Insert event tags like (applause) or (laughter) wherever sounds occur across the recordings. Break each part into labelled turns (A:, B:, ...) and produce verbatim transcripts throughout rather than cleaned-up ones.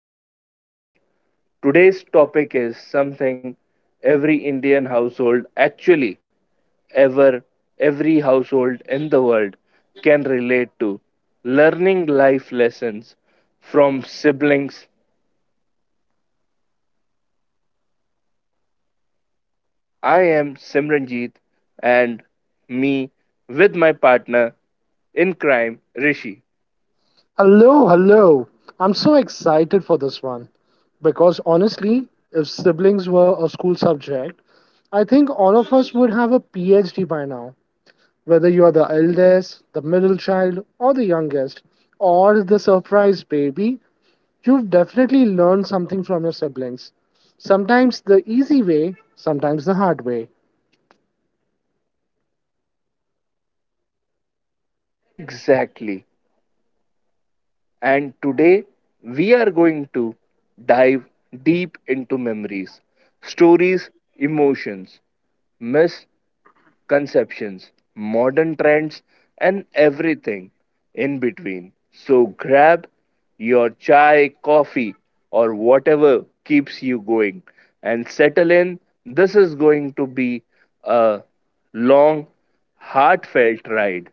A: of our podcast. Today's topic is something every Indian household, actually, ever, every household in the world can relate to learning life lessons from siblings. I am Simranjit, and me with my partner in crime, Rishi.
B: Hello, hello. I'm so excited for this one because honestly, if siblings were a school subject, I think all of us would have a PhD by now. Whether you are the eldest, the middle child, or the youngest, or the surprise baby, you've definitely learned something from your siblings. Sometimes the easy way, sometimes the hard way.
A: Exactly. And today we are going to dive deep into memories, stories, emotions, misconceptions, modern trends, and everything in between. So grab your chai, coffee, or whatever keeps you going and settle in. This is going to be a long, heartfelt ride.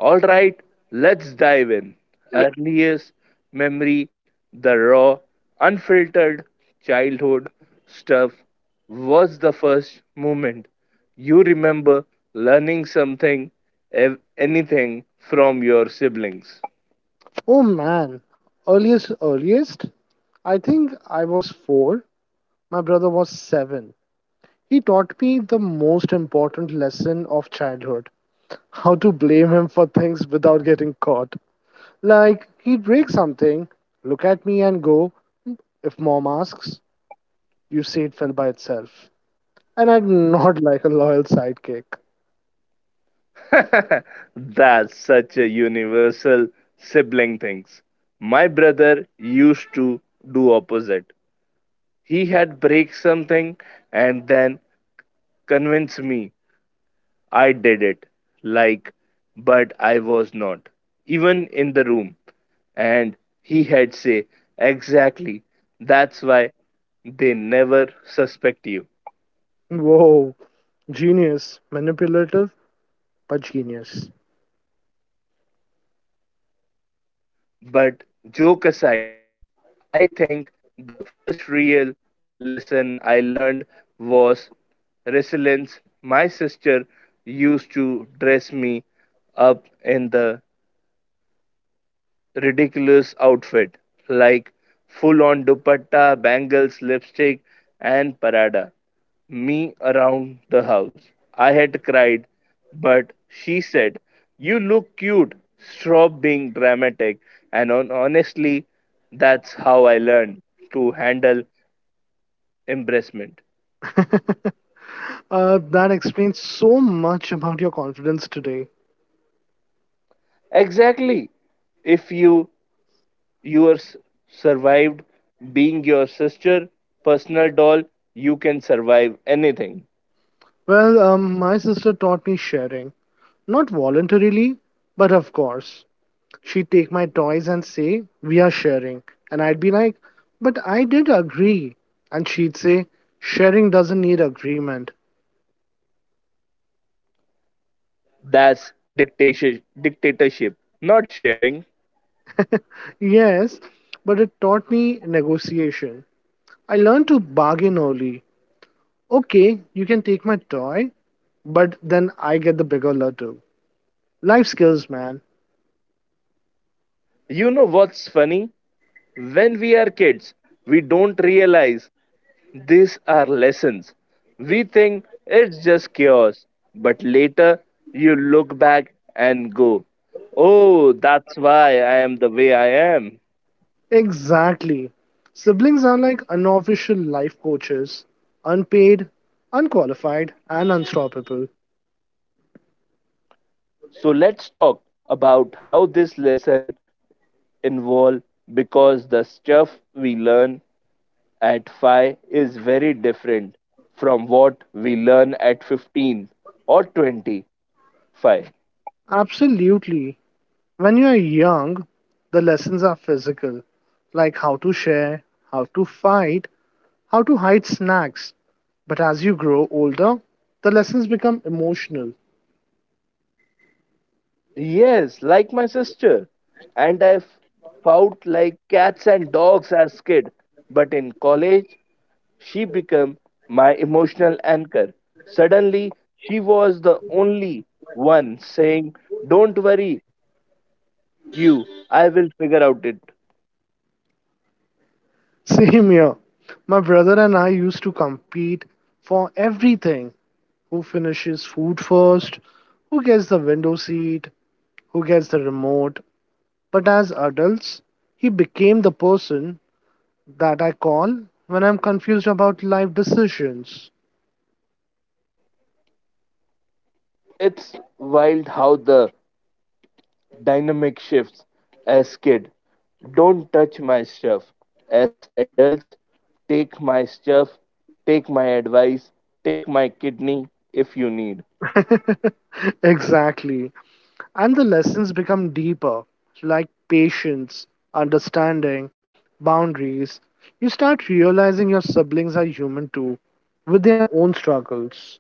A: All right, let's dive in. Earliest memory, the raw, unfiltered childhood stuff was the first moment you remember learning something, ev- anything from your siblings.
B: Oh man, earliest, earliest, I think I was four, my brother was seven. He taught me the most important lesson of childhood: how to blame him for things without getting caught. Like, he'd break something, look at me and go, "If mom asks, you say it fell by itself." And I'd nod (laughs) like a loyal sidekick.
A: (laughs) That's such a universal sibling things. My brother used to do opposite. He had break something and then convince me I did it. Like, but I was not. Even in the room. And he had say, exactly. That's why they never suspect you.
B: Whoa, genius. Manipulative, but genius.
A: But joke aside, I think the first real lesson I learned was resilience. My sister used to dress me up in the ridiculous outfit like full on dupatta, bangles, lipstick, and parada me around the house. I had cried, but she said, You look cute, stop being dramatic. And on, honestly, that's how I learned to handle embarrassment.
B: (laughs) Uh, that explains so much about your confidence today.
A: Exactly. If you you are s- survived being your sister, personal doll, you can survive anything.
B: Well, um, my sister taught me sharing. Not voluntarily, but of course. She'd take my toys and say, "We are sharing." And I'd be like, "But I did agree." And she'd say, "Sharing doesn't need agreement."
A: That's dictation, dictatorship, not sharing.
B: Yes, but it taught me negotiation. I learned to bargain early. Okay, you can take my toy, but then I get the bigger lotto. Life skills, man.
A: You know what's funny? When we are kids, we don't realize these are lessons. We think it's just chaos, but later you look back and go, Oh, that's why I am the way I am.
B: Exactly. Siblings are like unofficial life coaches: unpaid, unqualified, and unstoppable.
A: So let's talk about how this lesson involved because the stuff we learn at five is very different from what we learn at fifteen or twenty-five.
B: Absolutely. When you are young, the lessons are physical, like how to share, how to fight, how to hide snacks. But as you grow older, the lessons become emotional.
A: Yes, like my sister. And I f- fought like cats and dogs as kid. But in college, she became my emotional anchor. Suddenly, she was the only one saying, Don't worry, you, I will figure out it.
B: (laughs) Same here. My brother and I used to compete for everything. Who finishes food first? Who gets the window seat? Who gets the remote? But as adults, he became the person that I call when I'm confused about life decisions.
A: It's wild how the dynamic shifts. As kid, don't touch my stuff. As adults, take my stuff, take my advice, take my kidney if you need.
B: (laughs) exactly. And the lessons become deeper, like patience, understanding, boundaries. You start realizing your siblings are human too, with their own struggles.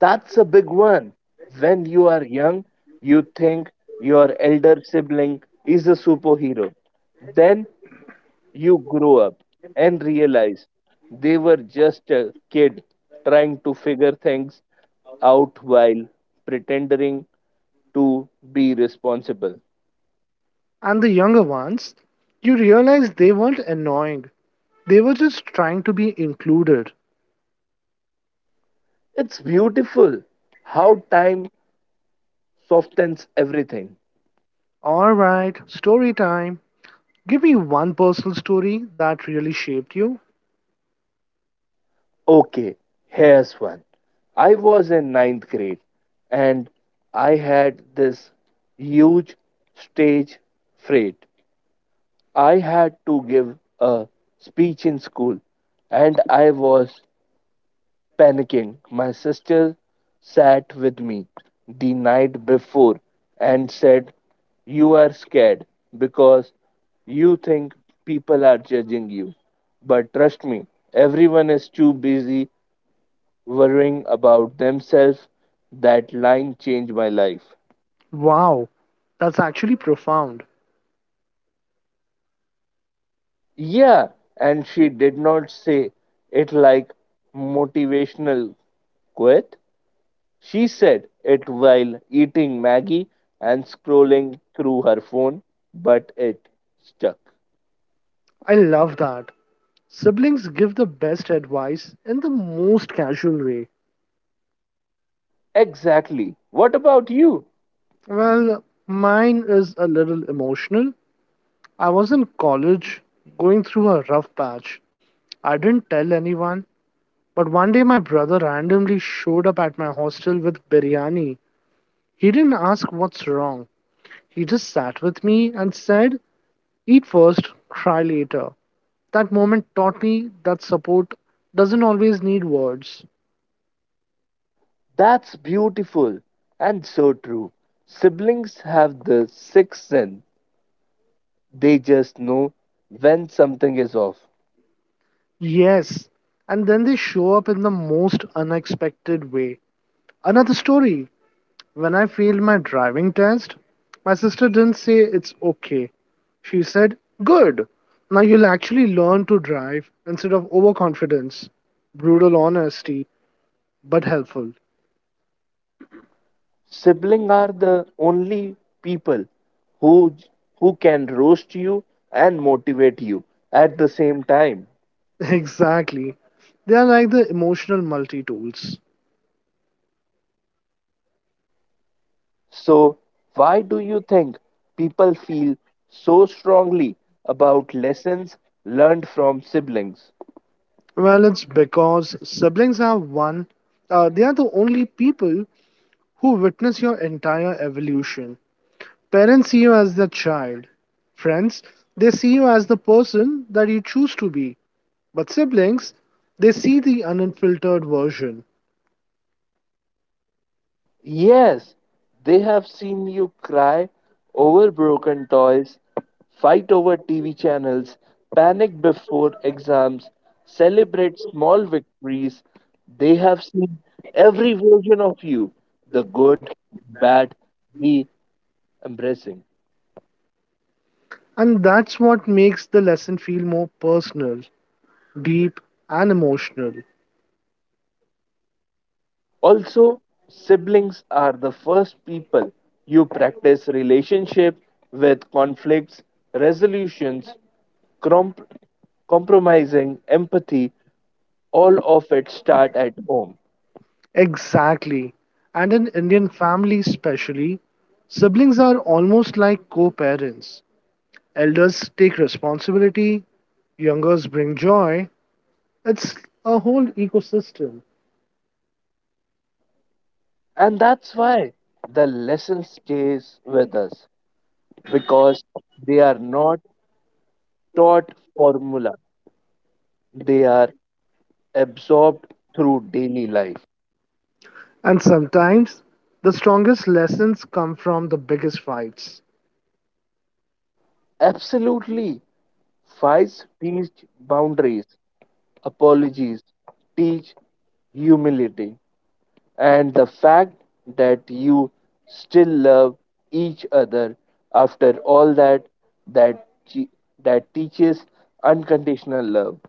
A: That's a big one. When you are young, you think your elder sibling is a superhero, then you grow up and realize they were just a kid trying to figure things out while pretending to be responsible.
B: And the younger ones, you realize they weren't annoying, they were just trying to be included.
A: It's beautiful how time softens everything.
B: Alright, story time. Give me one personal story that really shaped you.
A: Okay, here's one. I was in ninth grade and I had this huge stage fright. I had to give a speech in school and I was panicking. My sister sat with me the night before and said, You are scared because you think people are judging you. But trust me, everyone is too busy worrying about themselves. That line changed my life.
B: Wow, that's actually profound.
A: Yeah, and she did not say it like motivational quote. She said it while eating Maggie and scrolling through her phone, but it stuck.
B: I love that. Siblings give the best advice in the most casual way.
A: Exactly. What about you?
B: Well, mine is a little emotional. I was in college going through a rough patch. I didn't tell anyone, but one day my brother randomly showed up at my hostel with biryani. He didn't ask what's wrong. He just sat with me and said, "Eat first, cry later." That moment taught me that support doesn't always need words.
A: That's beautiful and so true. Siblings have the sixth sense, they just know when something is off.
B: Yes. And then they show up in the most unexpected way. Another story. When I failed my driving test, my sister didn't say it's okay. She said, "Good. Now you'll actually learn to drive instead of overconfidence." Brutal honesty, but helpful.
A: Siblings are the only people who, who can roast you and motivate you at the same time.
B: (laughs) Exactly. They are like the emotional multi tools.
A: So, why do you think people feel so strongly about lessons learned from siblings?
B: Well, it's because siblings are one, uh, they are the only people who witness your entire evolution. Parents see you as the child. Friends, they see you as the person that you choose to be. But siblings, they see the unfiltered version.
A: Yes, they have seen you cry over broken toys, fight over T V channels, panic before exams, celebrate small victories. They have seen every version of you the good, bad, the embracing.
B: And that's what makes the lesson feel more personal, deep, and emotional.
A: Also, siblings are the first people you practice relationship with conflicts, resolutions, comp- compromising, empathy, all of it start at home.
B: Exactly. And in Indian families, especially, siblings are almost like co parents. Elders take responsibility, youngers bring joy. It's a whole ecosystem.
A: And that's why the lesson stays with us because they are not taught formula. They are absorbed through daily life.
B: And sometimes the strongest lessons come from the biggest fights.
A: Absolutely. Five teach boundaries. Apologies teach humility and the fact that you still love each other after all that that che- that teaches unconditional love.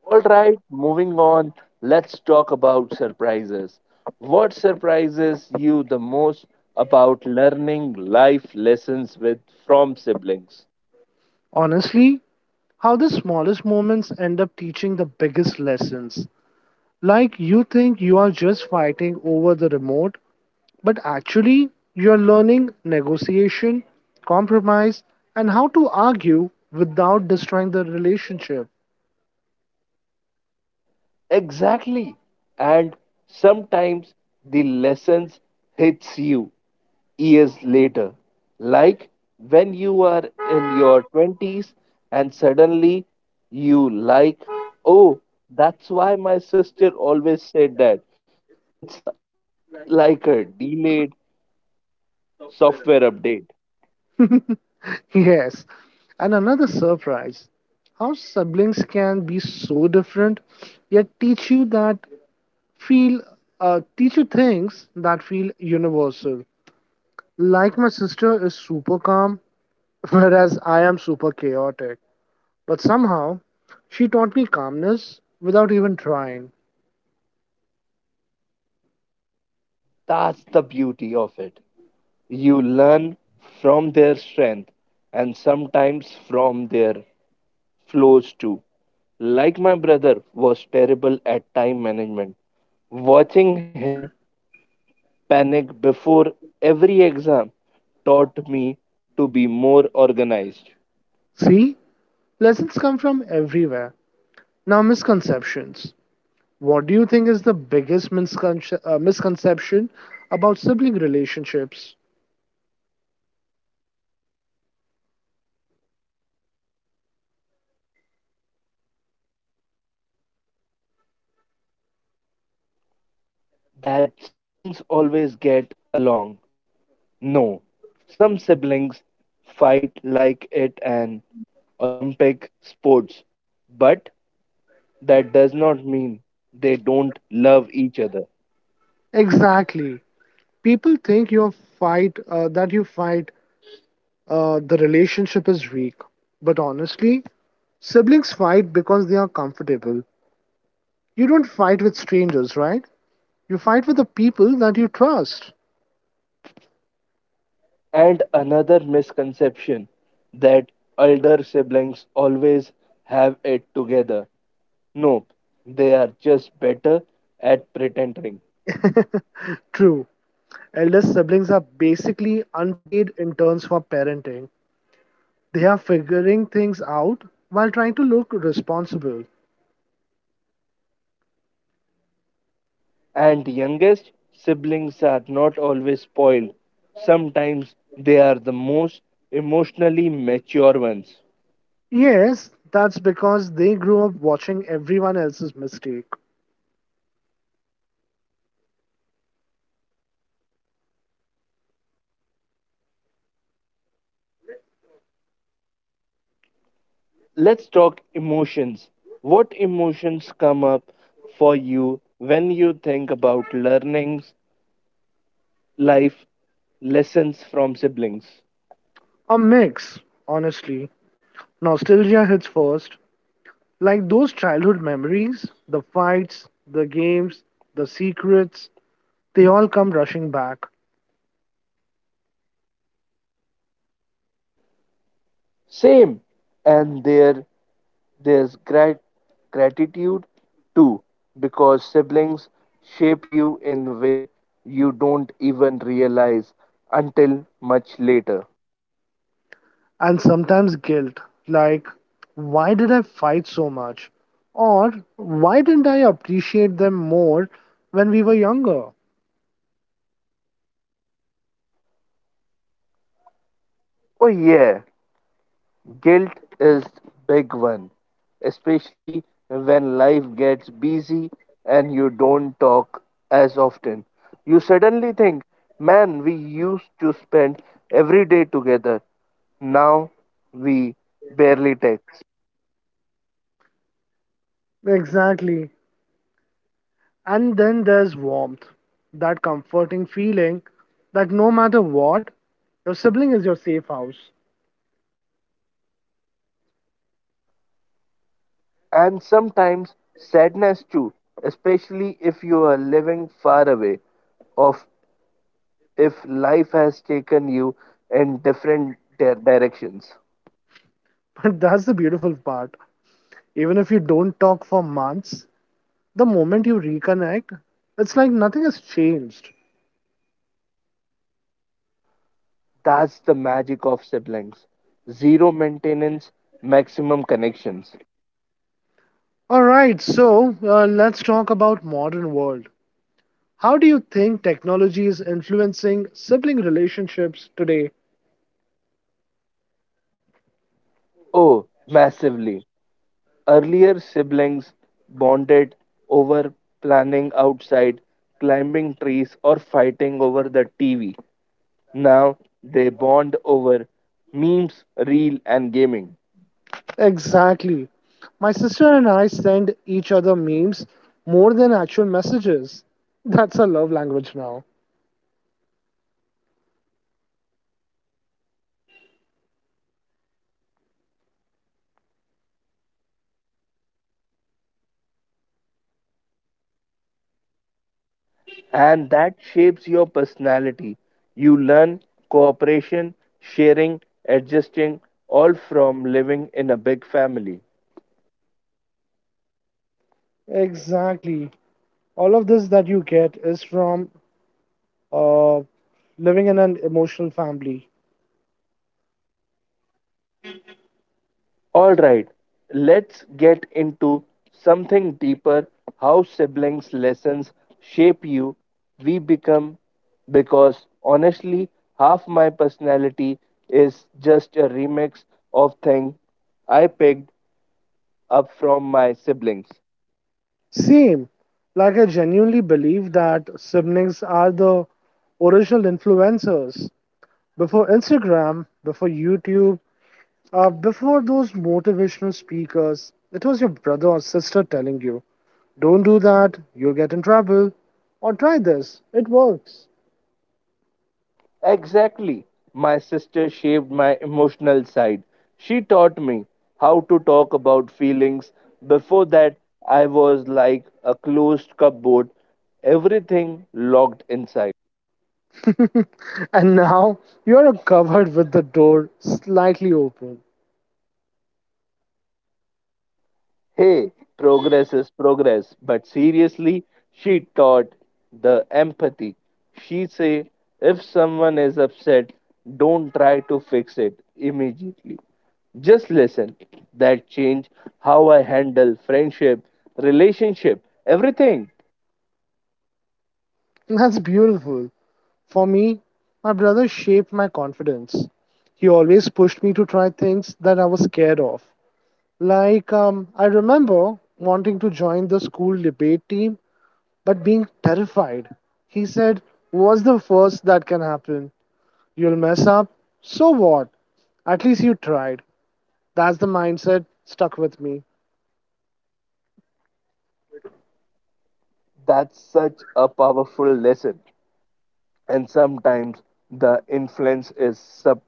A: All right, moving on. Let's talk about surprises. What surprises you the most about learning life lessons with from siblings?
B: Honestly, how the smallest moments end up teaching the biggest lessons. Like you think you are just fighting over the remote, but actually you are learning negotiation, compromise, and how to argue without destroying the relationship.
A: Exactly. And sometimes the lessons hits you years later. Like when you are in your twenties and suddenly you like, oh, that's why my sister always said that. It's li- like a delayed software update.
B: (laughs) yes, and another surprise: how siblings can be so different yet teach you that feel uh, teacher things that feel universal. Like my sister is super calm, (laughs) whereas I am super chaotic. But somehow, she taught me calmness without even trying.
A: That's the beauty of it. You learn from their strength and sometimes from their flows too. Like my brother was terrible at time management. Watching him panic before every exam taught me to be more organized.
B: See, lessons come from everywhere. Now, misconceptions. What do you think is the biggest misconce- uh, misconception about sibling relationships?
A: That siblings always get along. No, some siblings fight like it an Olympic sports, but that does not mean they don't love each other.
B: Exactly. People think you fight uh, that you fight uh, the relationship is weak, but honestly, siblings fight because they are comfortable. You don't fight with strangers, right? You fight with the people that you trust.
A: And another misconception that elder siblings always have it together. Nope, they are just better at pretending.
B: True. Eldest siblings are basically unpaid interns for parenting. They are figuring things out while trying to look responsible.
A: And youngest siblings are not always spoiled. Sometimes they are the most emotionally mature ones.
B: Yes, that's because they grew up watching everyone else's mistake.
A: Let's talk emotions. What emotions come up for you when you think about learnings, life lessons from siblings?
B: A mix, honestly. Nostalgia hits first, like those childhood memories, the fights, the games, the secrets, they all come rushing back,
A: Same, and there there's grat- gratitude too because siblings shape you in a way you don't even realize until much later.
B: and sometimes guilt, like, why did I fight so much? Or why didn't I appreciate them more when we were younger?
A: Oh yeah, guilt is big one, especially when life gets busy and you don't talk as often. You suddenly think, man, we used to spend every day together. Now we barely text.
B: Exactly. And then there's warmth, that comforting feeling that no matter what, your sibling is your safe house.
A: And sometimes sadness too, especially if you are living far away of if life has taken you in different di- directions.
B: (laughs) But that's the beautiful part. Even if you don't talk for months, the moment you reconnect, it's like nothing has changed.
A: That's the magic of siblings. Zero maintenance, maximum connections.
B: All right, so uh, let's talk about modern world. How do you think technology is influencing sibling relationships today?
A: Oh, massively. Earlier siblings bonded over planning outside, climbing trees, or fighting over the T V. Now they bond over memes, reel, and gaming.
B: Exactly. My sister and I send each other memes more than actual messages. That's a love language now.
A: And that shapes your personality. You learn cooperation, sharing, adjusting, all from living in a big family.
B: Exactly. All of this that you get is from uh, living in an emotional family.
A: All right, let's get into something deeper how siblings' lessons shape you, we become, because honestly, half my personality is just a remix of things I picked up from my siblings.
B: Same. Like, I genuinely believe that siblings are the original influencers. Before Instagram, before YouTube, uh, before those motivational speakers, it was your brother or sister telling you, "Don't do that, you'll get in trouble," or "try this, it works."
A: Exactly. My sister shaped my emotional side. She taught me how to talk about feelings. Before that, I was like a closed cupboard, everything locked inside.
B: (laughs) And now you're covered with the door slightly open.
A: Hey, progress is progress, but seriously, she taught the empathy. She say if someone is upset, don't try to fix it immediately. Just listen. That changed how I handle friendship, relationship, everything.
B: That's beautiful. For me, my brother shaped my confidence. He always pushed me to try things that I was scared of. Like, um, I remember wanting to join the school debate team but being terrified. He said, "What's the worst that can happen? You'll mess up. So what? At least you tried." That's the mindset stuck with me.
A: That's such a powerful lesson. And sometimes the influence is subtle.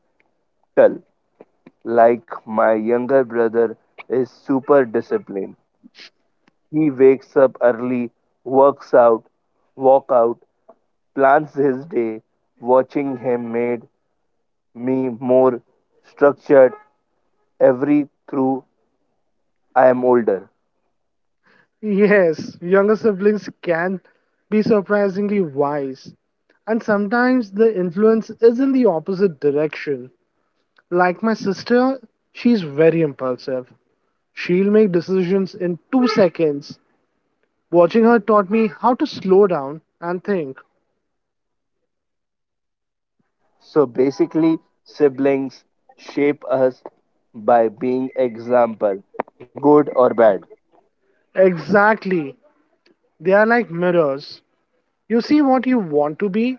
A: Like my younger brother is super disciplined. He wakes up early, works out, walk out, plans his day. Watching him made me more structured every through I am older.
B: Yes, younger siblings can be surprisingly wise. And sometimes the influence is in the opposite direction. Like my sister, she's very impulsive. She'll make decisions in two seconds. Watching her taught me how to slow down and think.
A: So basically, siblings shape us by being example, good or bad.
B: Exactly. They are like mirrors. You see what you want to be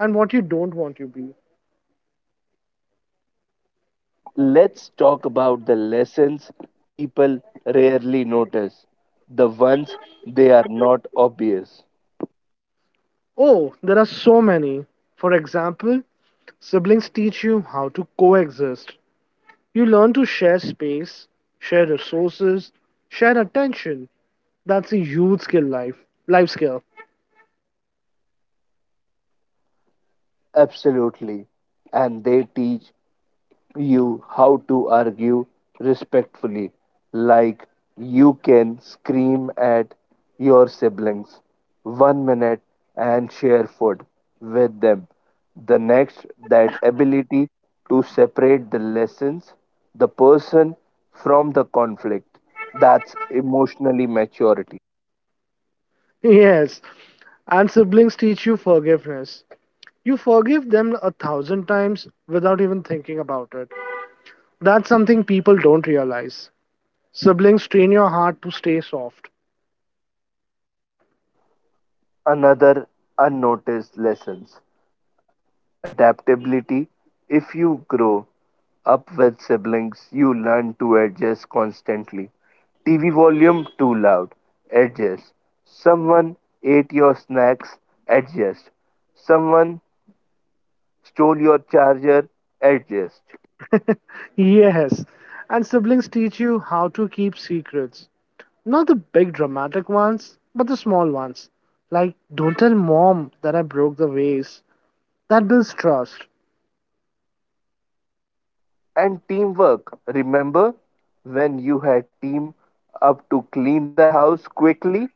B: and what you don't want to be.
A: Let's talk about the lessons people rarely notice, the ones they are not obvious.
B: Oh, there are so many. For example, siblings teach you how to coexist. You learn to share space, share resources, share attention. That's a huge skill life life skill.
A: Absolutely. And they teach you how to argue respectfully, like you can scream at your siblings one minute and share food with them. The next, that ability to separate the lessons, the person from the conflict. That's emotionally maturity.
B: (laughs) Yes. And siblings teach you forgiveness. You forgive them a thousand times without even thinking about it. That's something people don't realize. Siblings train your heart to stay soft.
A: Another unnoticed lessons adaptability. If you grow up with siblings, you learn to adjust constantly. T V volume too loud, adjust. Someone ate your snacks, adjust. Someone stole your charger, adjust.
B: (laughs) Yes. And siblings teach you how to keep secrets. Not the big dramatic ones, but the small ones. Like, don't tell mom that I broke the vase. That builds trust. (laughs)
A: And teamwork. Remember when you had team up to clean the house quickly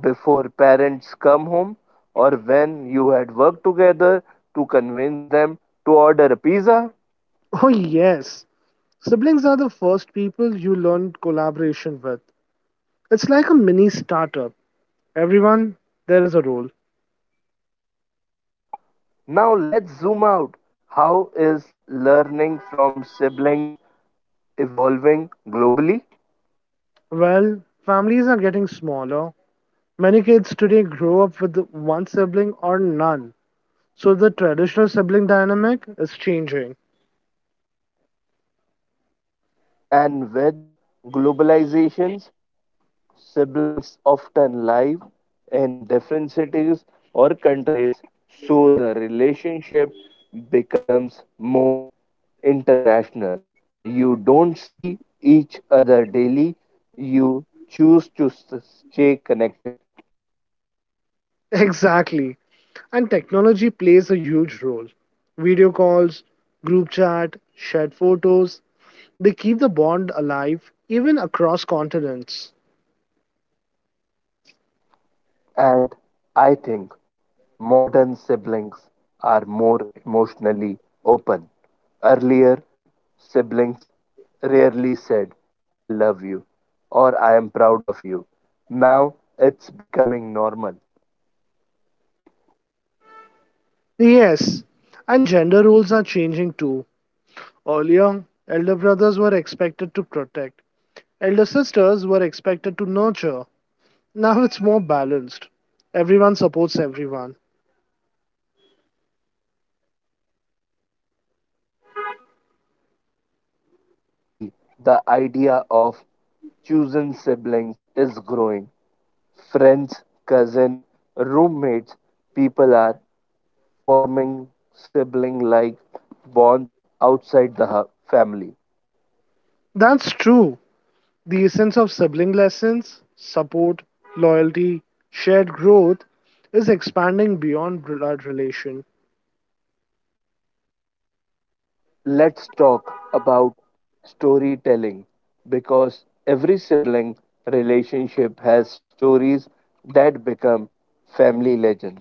A: before parents come home or when you had worked together to convince them to order a pizza?
B: Oh, yes. Siblings are the first people you learn collaboration with. It's like a mini startup. Everyone, there is a role.
A: Now let's zoom out. How is learning from siblings evolving globally?
B: Well, families are getting smaller. Many kids today grow up with one sibling or none. So the traditional sibling dynamic is changing.
A: True, and with globalization siblings often live in different cities or countries, so the relationship becomes more international. You don't see each other daily, you choose to s- stay connected.
B: Exactly. And technology plays a huge role. Video calls, group chat, shared photos, they keep the bond alive even across continents.
A: And I think modern siblings are more emotionally open. Earlier, siblings rarely said, I love you or I am proud of you. Now it's becoming normal.
B: Yes, and gender roles are changing too. Earlier, elder brothers were expected to protect, elder sisters were expected to nurture. Now it's more balanced. Everyone supports everyone.
A: And globally, the idea of chosen siblings is growing. Friends, cousin, roommates, people are forming sibling like bonds outside the family.
B: That's true. The essence of sibling lessons, support, loyalty, shared growth is expanding beyond blood relation.
A: Let's talk about storytelling because every sibling relationship has stories that become family legends.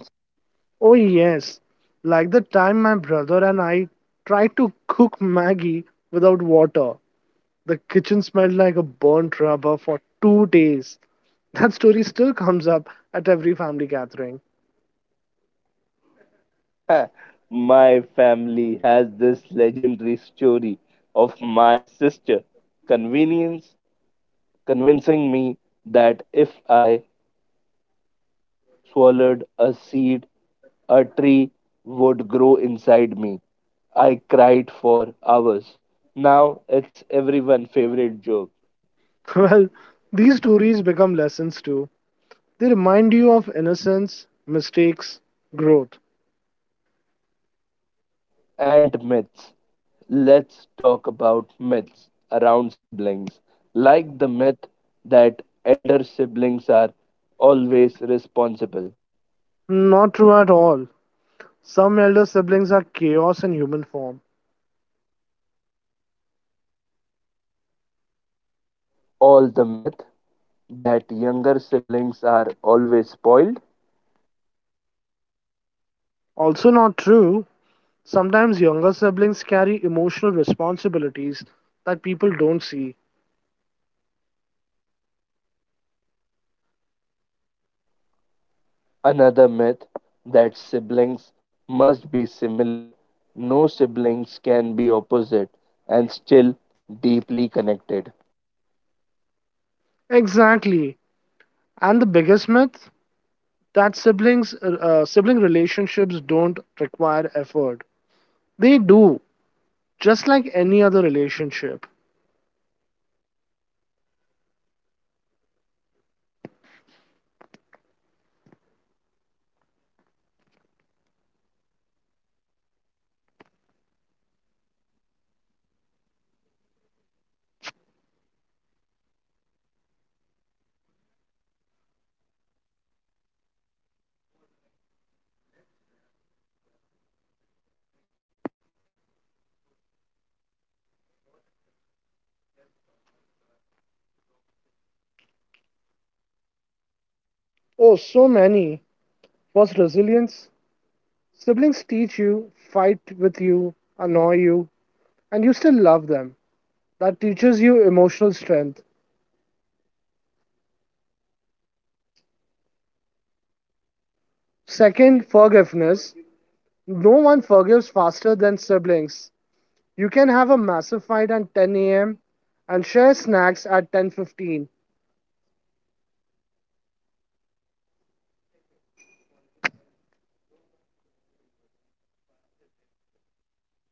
B: Oh yes, like the time my brother and I tried to cook Maggie without water. The kitchen smelled like a burnt rubber for two days. That story still comes up at every family gathering.
A: (laughs) My family has this legendary story of my sister convenience convincing me that if I swallowed a seed, a tree would grow inside me. I cried for hours. Now it's everyone's favorite joke.
B: (laughs) Well, these stories become lessons too. They remind you of innocence, mistakes, growth.
A: And myths. Let's talk about myths around siblings, like the myth that elder siblings are always responsible.
B: Not true at all. Some elder siblings are chaos in human form.
A: All the myth that younger siblings are always spoiled.
B: Also, not true. Sometimes younger siblings carry emotional responsibilities that people don't see.
A: Another myth that siblings must be similar, no siblings can be opposite and still deeply connected.
B: Exactly. And the biggest myth: that siblings, uh, uh, sibling relationships don't require effort. They do, just like any other relationship.
A: But the effort is worth it because the bond is irreplaceable. All right, let's wrap this one with the big question. What lessons can someone learn from siblings?
B: Oh, so many. First, resilience. Siblings teach you, fight with you, annoy you, and you still love them. That teaches you emotional strength. Second,
A: Second,
B: forgiveness.
A: forgiveness.
B: No one
A: No
B: forgives
A: one
B: faster
A: forgive
B: than
A: faster.
B: siblings. You can have a massive fight at ten a m and share snacks at ten fifteen.
A: S- Second, forgiveness. No one forgive faster than sibling.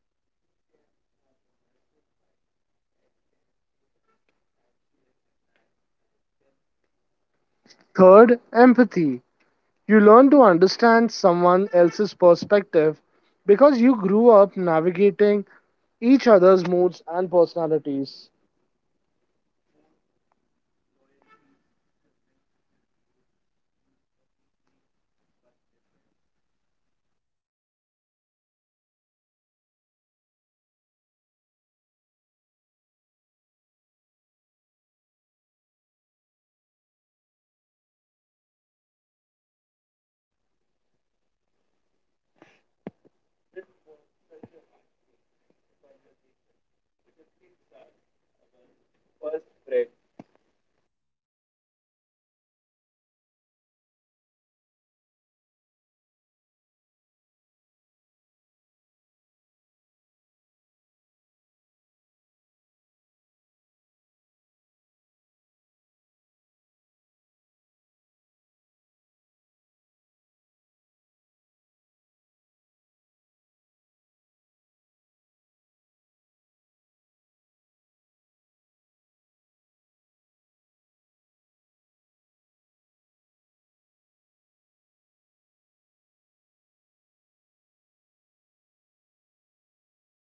A: You can have a massive fight at ten a m and share snacks at ten fifteen.
B: Third, empathy. You learn to understand someone else's perspective because you grew up navigating each other's moods and personalities.
A: Fourth, loyalty. Siblings with roast you publicly, but defends you when someone else tries to. This was such a heartful conversation. Siblings are our first friends, first rivals, first teachers, and the lessons they teach us stay for life. Whatever you talk every day or once a year, the bond remains. To everyone listening, call your siblings today or message them or send them a meme. Trust me, I will make their day. Thank you for joining us. Until next time, keep learning, keep loving, and keep appreciating the people you shaped. Thank you for listening us and meet you in next episode. Thank you.